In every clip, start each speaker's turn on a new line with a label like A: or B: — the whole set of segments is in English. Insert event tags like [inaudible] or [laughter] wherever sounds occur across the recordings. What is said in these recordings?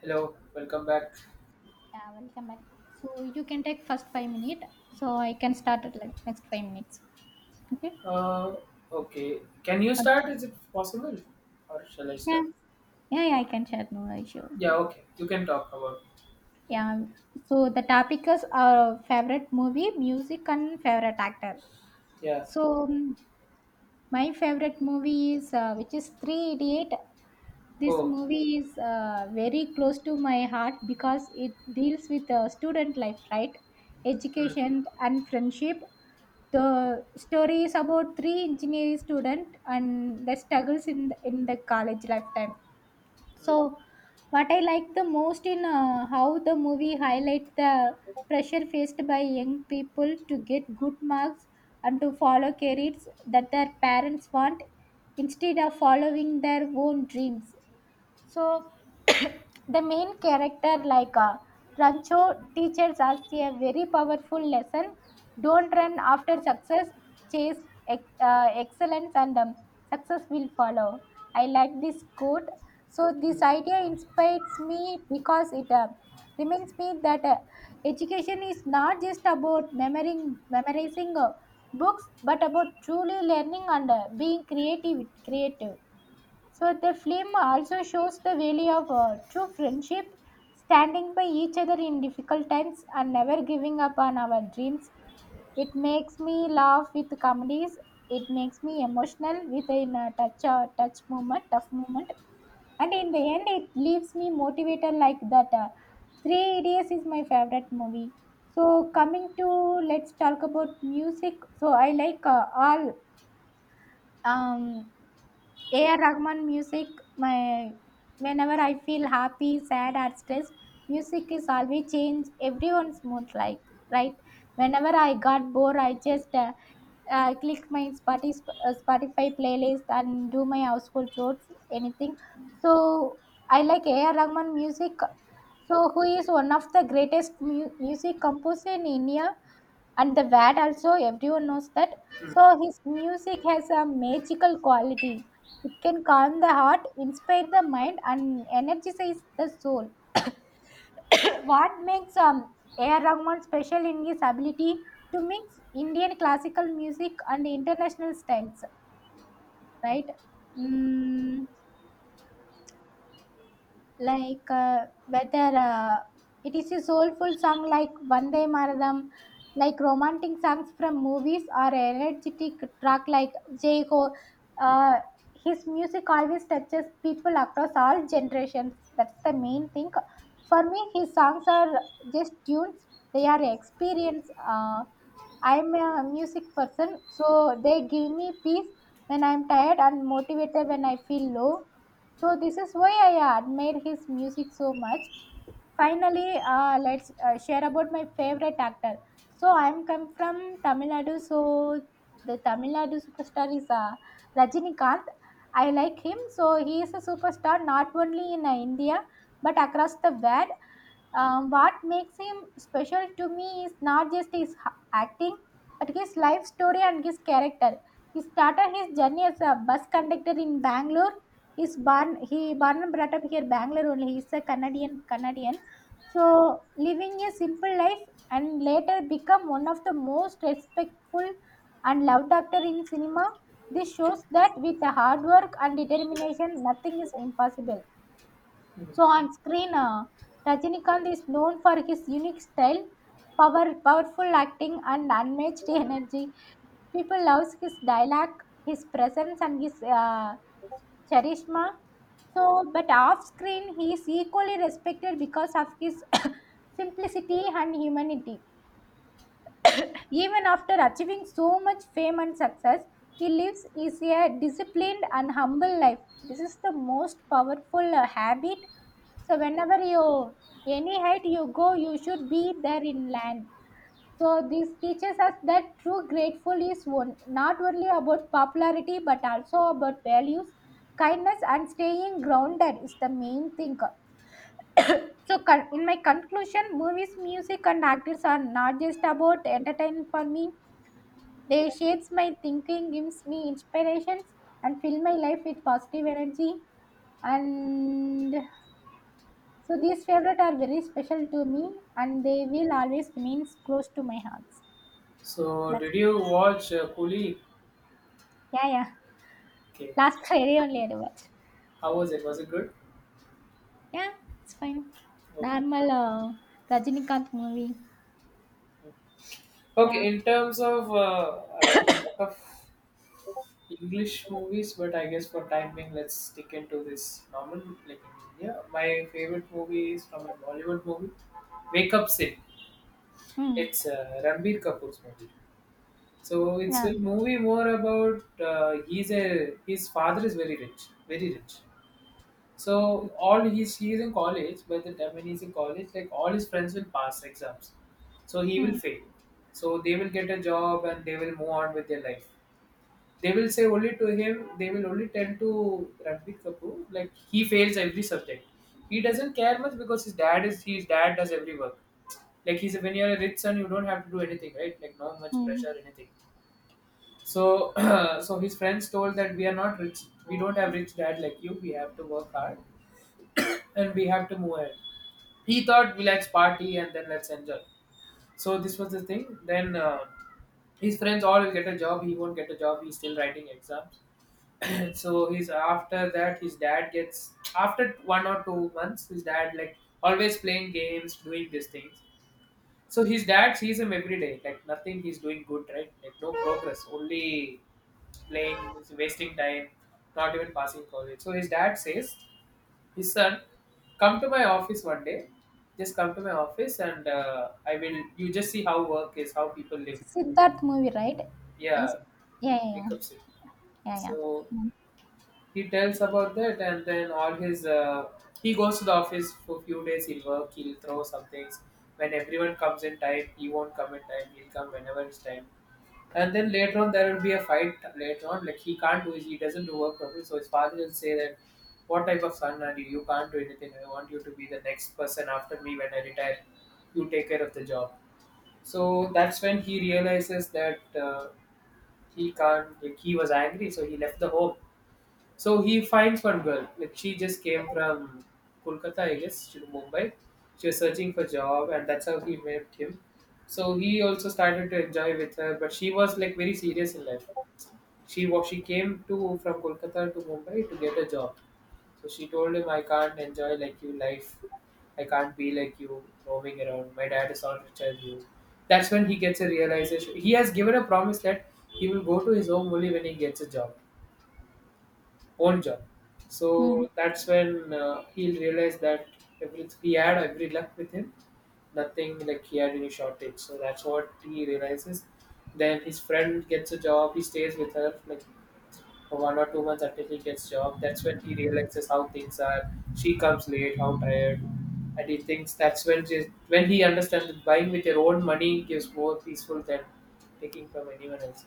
A: Hello, welcome back.
B: Yeah, welcome back. So you can take first 5 minutes. So I can start at like next 5 minutes. Okay.
A: Uh, okay, can you
B: Uh,
A: start? Is it possible, or shall I
B: Yeah,
A: start?
B: yeah I can share. No issue.
A: Yeah, okay, you can talk about.
B: Yeah. So the topic is our favorite movie, music, and favorite actor.
A: Yeah.
B: So my favorite movie is which is Three Idiot. This
A: Oh.
B: movie is very close to my heart because it deals with student life, right?
A: Mm,
B: Education and friendship. The story is about three engineering students and their struggles in the college lifetime. So, what I like the most in how the movie highlight the pressure faced by young people to get good marks and to follow careers that their parents want instead of following their own dreams. So the main character, like Rancho, teaches us a very powerful lesson: don't run after success, chase excellence, and success will follow. I like this quote. So this
A: mm,
B: idea inspires me because it reminds me that education is not just about memorizing books, but about truly learning and being creative. Creative. So the film also shows the value of true friendship, standing by each other in difficult times and never giving up on our dreams. It makes me laugh with comedies. It makes me emotional with a touch touch moment, tough moment. And in the end, it leaves me motivated like that. Three Idiots is my favorite movie. So coming to, let's talk about music. So I like all um AR Rahman music, my whenever I feel happy, sad, or stressed, music is always change everyone's mood. Like right, whenever I got bored, I just click my Spotify, Spotify playlist and do my household chores, anything. So I like AR Rahman music. So who is one of the greatest music composer in India? And the Vad also everyone knows that.
A: mm.
B: So his music has a magical quality. It can calm the heart, inspire the mind, and energize the soul. [coughs] what makes A.R. Rahman special in his ability to mix Indian classical music and international styles, right? Mm, like whether it is a soulful song like Vande Maratham, like romantic songs from movies or energetic track like Jai Ho. Uh, his music always touches people across all generations. That's the main thing. For me, his songs are just tunes. They are experience. I'm a music person, so they give me peace when I'm tired and motivated when I feel low. So this is why I admire his music so much. Finally, let's share about my favorite actor. So I'm come from Tamil Nadu. So the Tamil Nadu superstar is Rajinikanth. I like him. So he is a superstar not only in India but across the world. What makes him special to me is not just acting, but his life story and his character. He started his journey as a bus conductor in Bangalore. He's born, he born and brought up here Bangalore only. He's a Canadian, so living a simple life and later become one of the most respectful and loved actor in cinema. This shows that with the hard work and determination, nothing is impossible. So on screen, Rajinikanth is known for his unique style, powerful acting, and unmatched [laughs] energy. People love his dialogue, his presence, and his charisma. So, but off screen, he is equally respected because of his [coughs] simplicity and humanity. Even after achieving so much fame and success, he lives is a disciplined and humble life. This is the most powerful habit. So whenever you any height you go, you should be there in land. So this teaches us that true grateful is one, not only about popularity but also about values, kindness, and staying grounded is the main thing. [coughs] so in my conclusion, movies, music, and actors are not just about entertainment for me. They shapes my thinking, gives me inspirations, and fill my life with positive energy. And so these favorites are very special to me, and they will always remain close to my heart.
A: So,
B: That's
A: did
B: it.
A: you watch Coolie?
B: Yeah, yeah.
A: Okay.
B: Last Friday only I watched.
A: How was it? Was it good?
B: Yeah, it's fine.
A: Okay.
B: Normal Rajinikanth movie.
A: Okay.
B: Yeah.
A: In terms of, I watched a lot of English movies, but I guess for time being, let's stick into this normal. Like, in India. My favorite movie is from a Bollywood movie, Wake Up Sid.
B: Hmm.
A: It's Ranbir Kapoor's movie. So it's
B: Yeah.
A: a movie more about he's a his father is very rich. So all he is in college. By the time when he's in college, like all his friends will pass exams, so he will
B: Hmm.
A: fail. So they will get a job and they will move on with their life. They will say only to him, they will only tend to Ranbir Kapoor. Like he fails every subject, he doesn't care much because his dad does every work. Like when you're a rich son, you don't have to do anything, right? Like no much
B: Hmm.
A: pressure anything. So, [clears throat] so his friends told that we are not rich. We don't have rich dad like you. We have to work hard, [clears throat] and we have to move ahead. He thought we let's party and then let's enjoy. So this was the thing. Then his friends all will get a job. He won't get a job. He's still writing exams. [clears throat] So he's, after that his dad gets, after 1 or 2 months his dad like always playing games doing these things. So his dad sees him every day, like nothing he's doing good, right? Like no progress, only playing, wasting time, not even passing college. So his dad says, his son, come to my office one day. Just come to my office and I will. You just see how work is, how people live.
B: So, Siddharth movie, right? Yes.
A: Yeah,
B: Yeah, yeah, yeah.
A: wake up soon.
B: Yeah, yeah.
A: So
B: Hmm.
A: he tells about that, and then all his, he goes to the office for few days. He'll work, he'll throw some things. When everyone comes in time, he won't come in time, he'll come whenever it's time. And then later on there will be a fight later on, like he doesn't do work properly, so his father will say that what type of son are you, you can't do anything. I want you to be the next person after me when I retire, you take care of the job. So that's when he realizes that he can't, like he was angry, so he left the home. So he finds one girl. Like she just came from Kolkata, I guess, to Mumbai. She was searching for job, and that's how he met him. So he also started to enjoy with her, but she was like very serious in life. She came to from Kolkata to Mumbai to get a job. So she told him, "I can't enjoy like you life. I can't be like you roaming around. My dad is not rich as you." That's when he gets a realization. He has given a promise that he will go to his home only when he gets a job, old job.
B: Hmm.
A: So that's when he realized that every, he had every luck with him, nothing like he had any shortage. So that's what he realizes. Then his friend gets a job, he stays with her, like for 1 or 2 months until he gets job. That's when he realizes how things are. She comes late, how tired, and he thinks when he understands that buying with your own money gives more peaceful than taking from anyone else.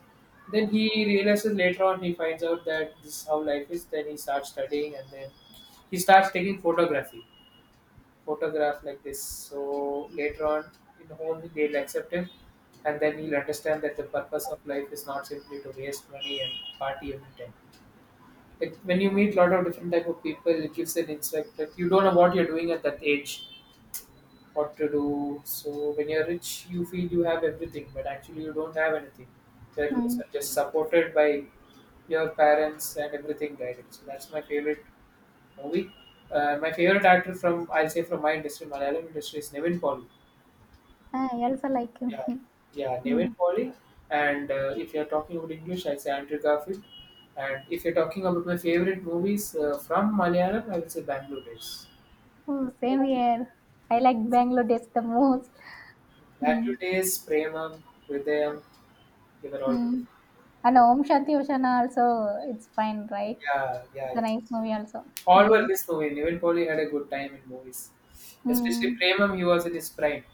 A: Then he realizes later on, he finds out that this is how life is. Then he starts studying, and then he starts taking photography, photograph like this. So later on in home they'll accept him, and then he'll understand that the purpose of life is not simply to waste money and party every time. Like when you meet a lot of different type of people, it gives an insight. Like you don't know what you're doing at that age, what to do. So when you're rich, you feel you have everything, but actually you don't have anything. That was
B: Hmm.
A: just supported by your parents and everything guided. So that's my favorite movie. My favorite actor from, I'll say from my industry, Malayalam industry is Nevin Paul.
B: Ah, I also like
A: Yeah,
B: him.
A: yeah,
B: [laughs]
A: Nevin
B: Mm.
A: Polly. And if you're talking about English, I say Andrew Garfield. And if you're talking about my favorite movies from Malayalam, I will say Bangalore Days.
B: Oh, same here. I like Bangalore Days the most.
A: Bangalore
B: Mm.
A: Days, Premam, Hridayam, they were all.
B: Mm. And Om Shanti Oshana also, it's fine, right?
A: Yeah, yeah.
B: It's a
A: It's,
B: nice movie also.
A: all were
B: Mm.
A: this movie. Nevin Polly had a good time in movies. Especially
B: Mm.
A: Premam, he was in his prime.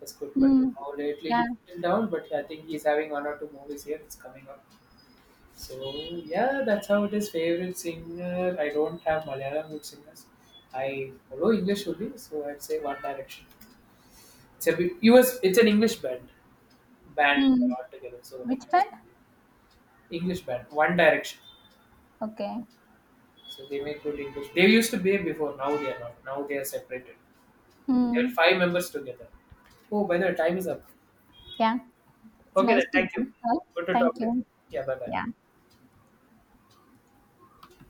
A: That's good. But
B: Mm.
A: now lately
B: Yeah.
A: he's still down, but I think he's having one or two movies here. It's coming up. So yeah, that's how it is. Favorite singer? I don't have Malayalam good singers. I follow English only, so I'd say One Direction. It's a bit US. It's an English band
B: Mm.
A: altogether. So like
B: Which one?
A: that's English band, One Direction.
B: Okay.
A: So they make good English. They used to be before. Now they are not. Now they are separated. They are
B: Mm.
A: 5 members together. Oh, by the way, time is up.
B: Yeah. It's
A: Okay then.
B: nice to
A: Thank you.
B: know.
A: Good to
B: Thank
A: talk with you.
B: you.
A: Yeah. Bye bye.
B: Yeah.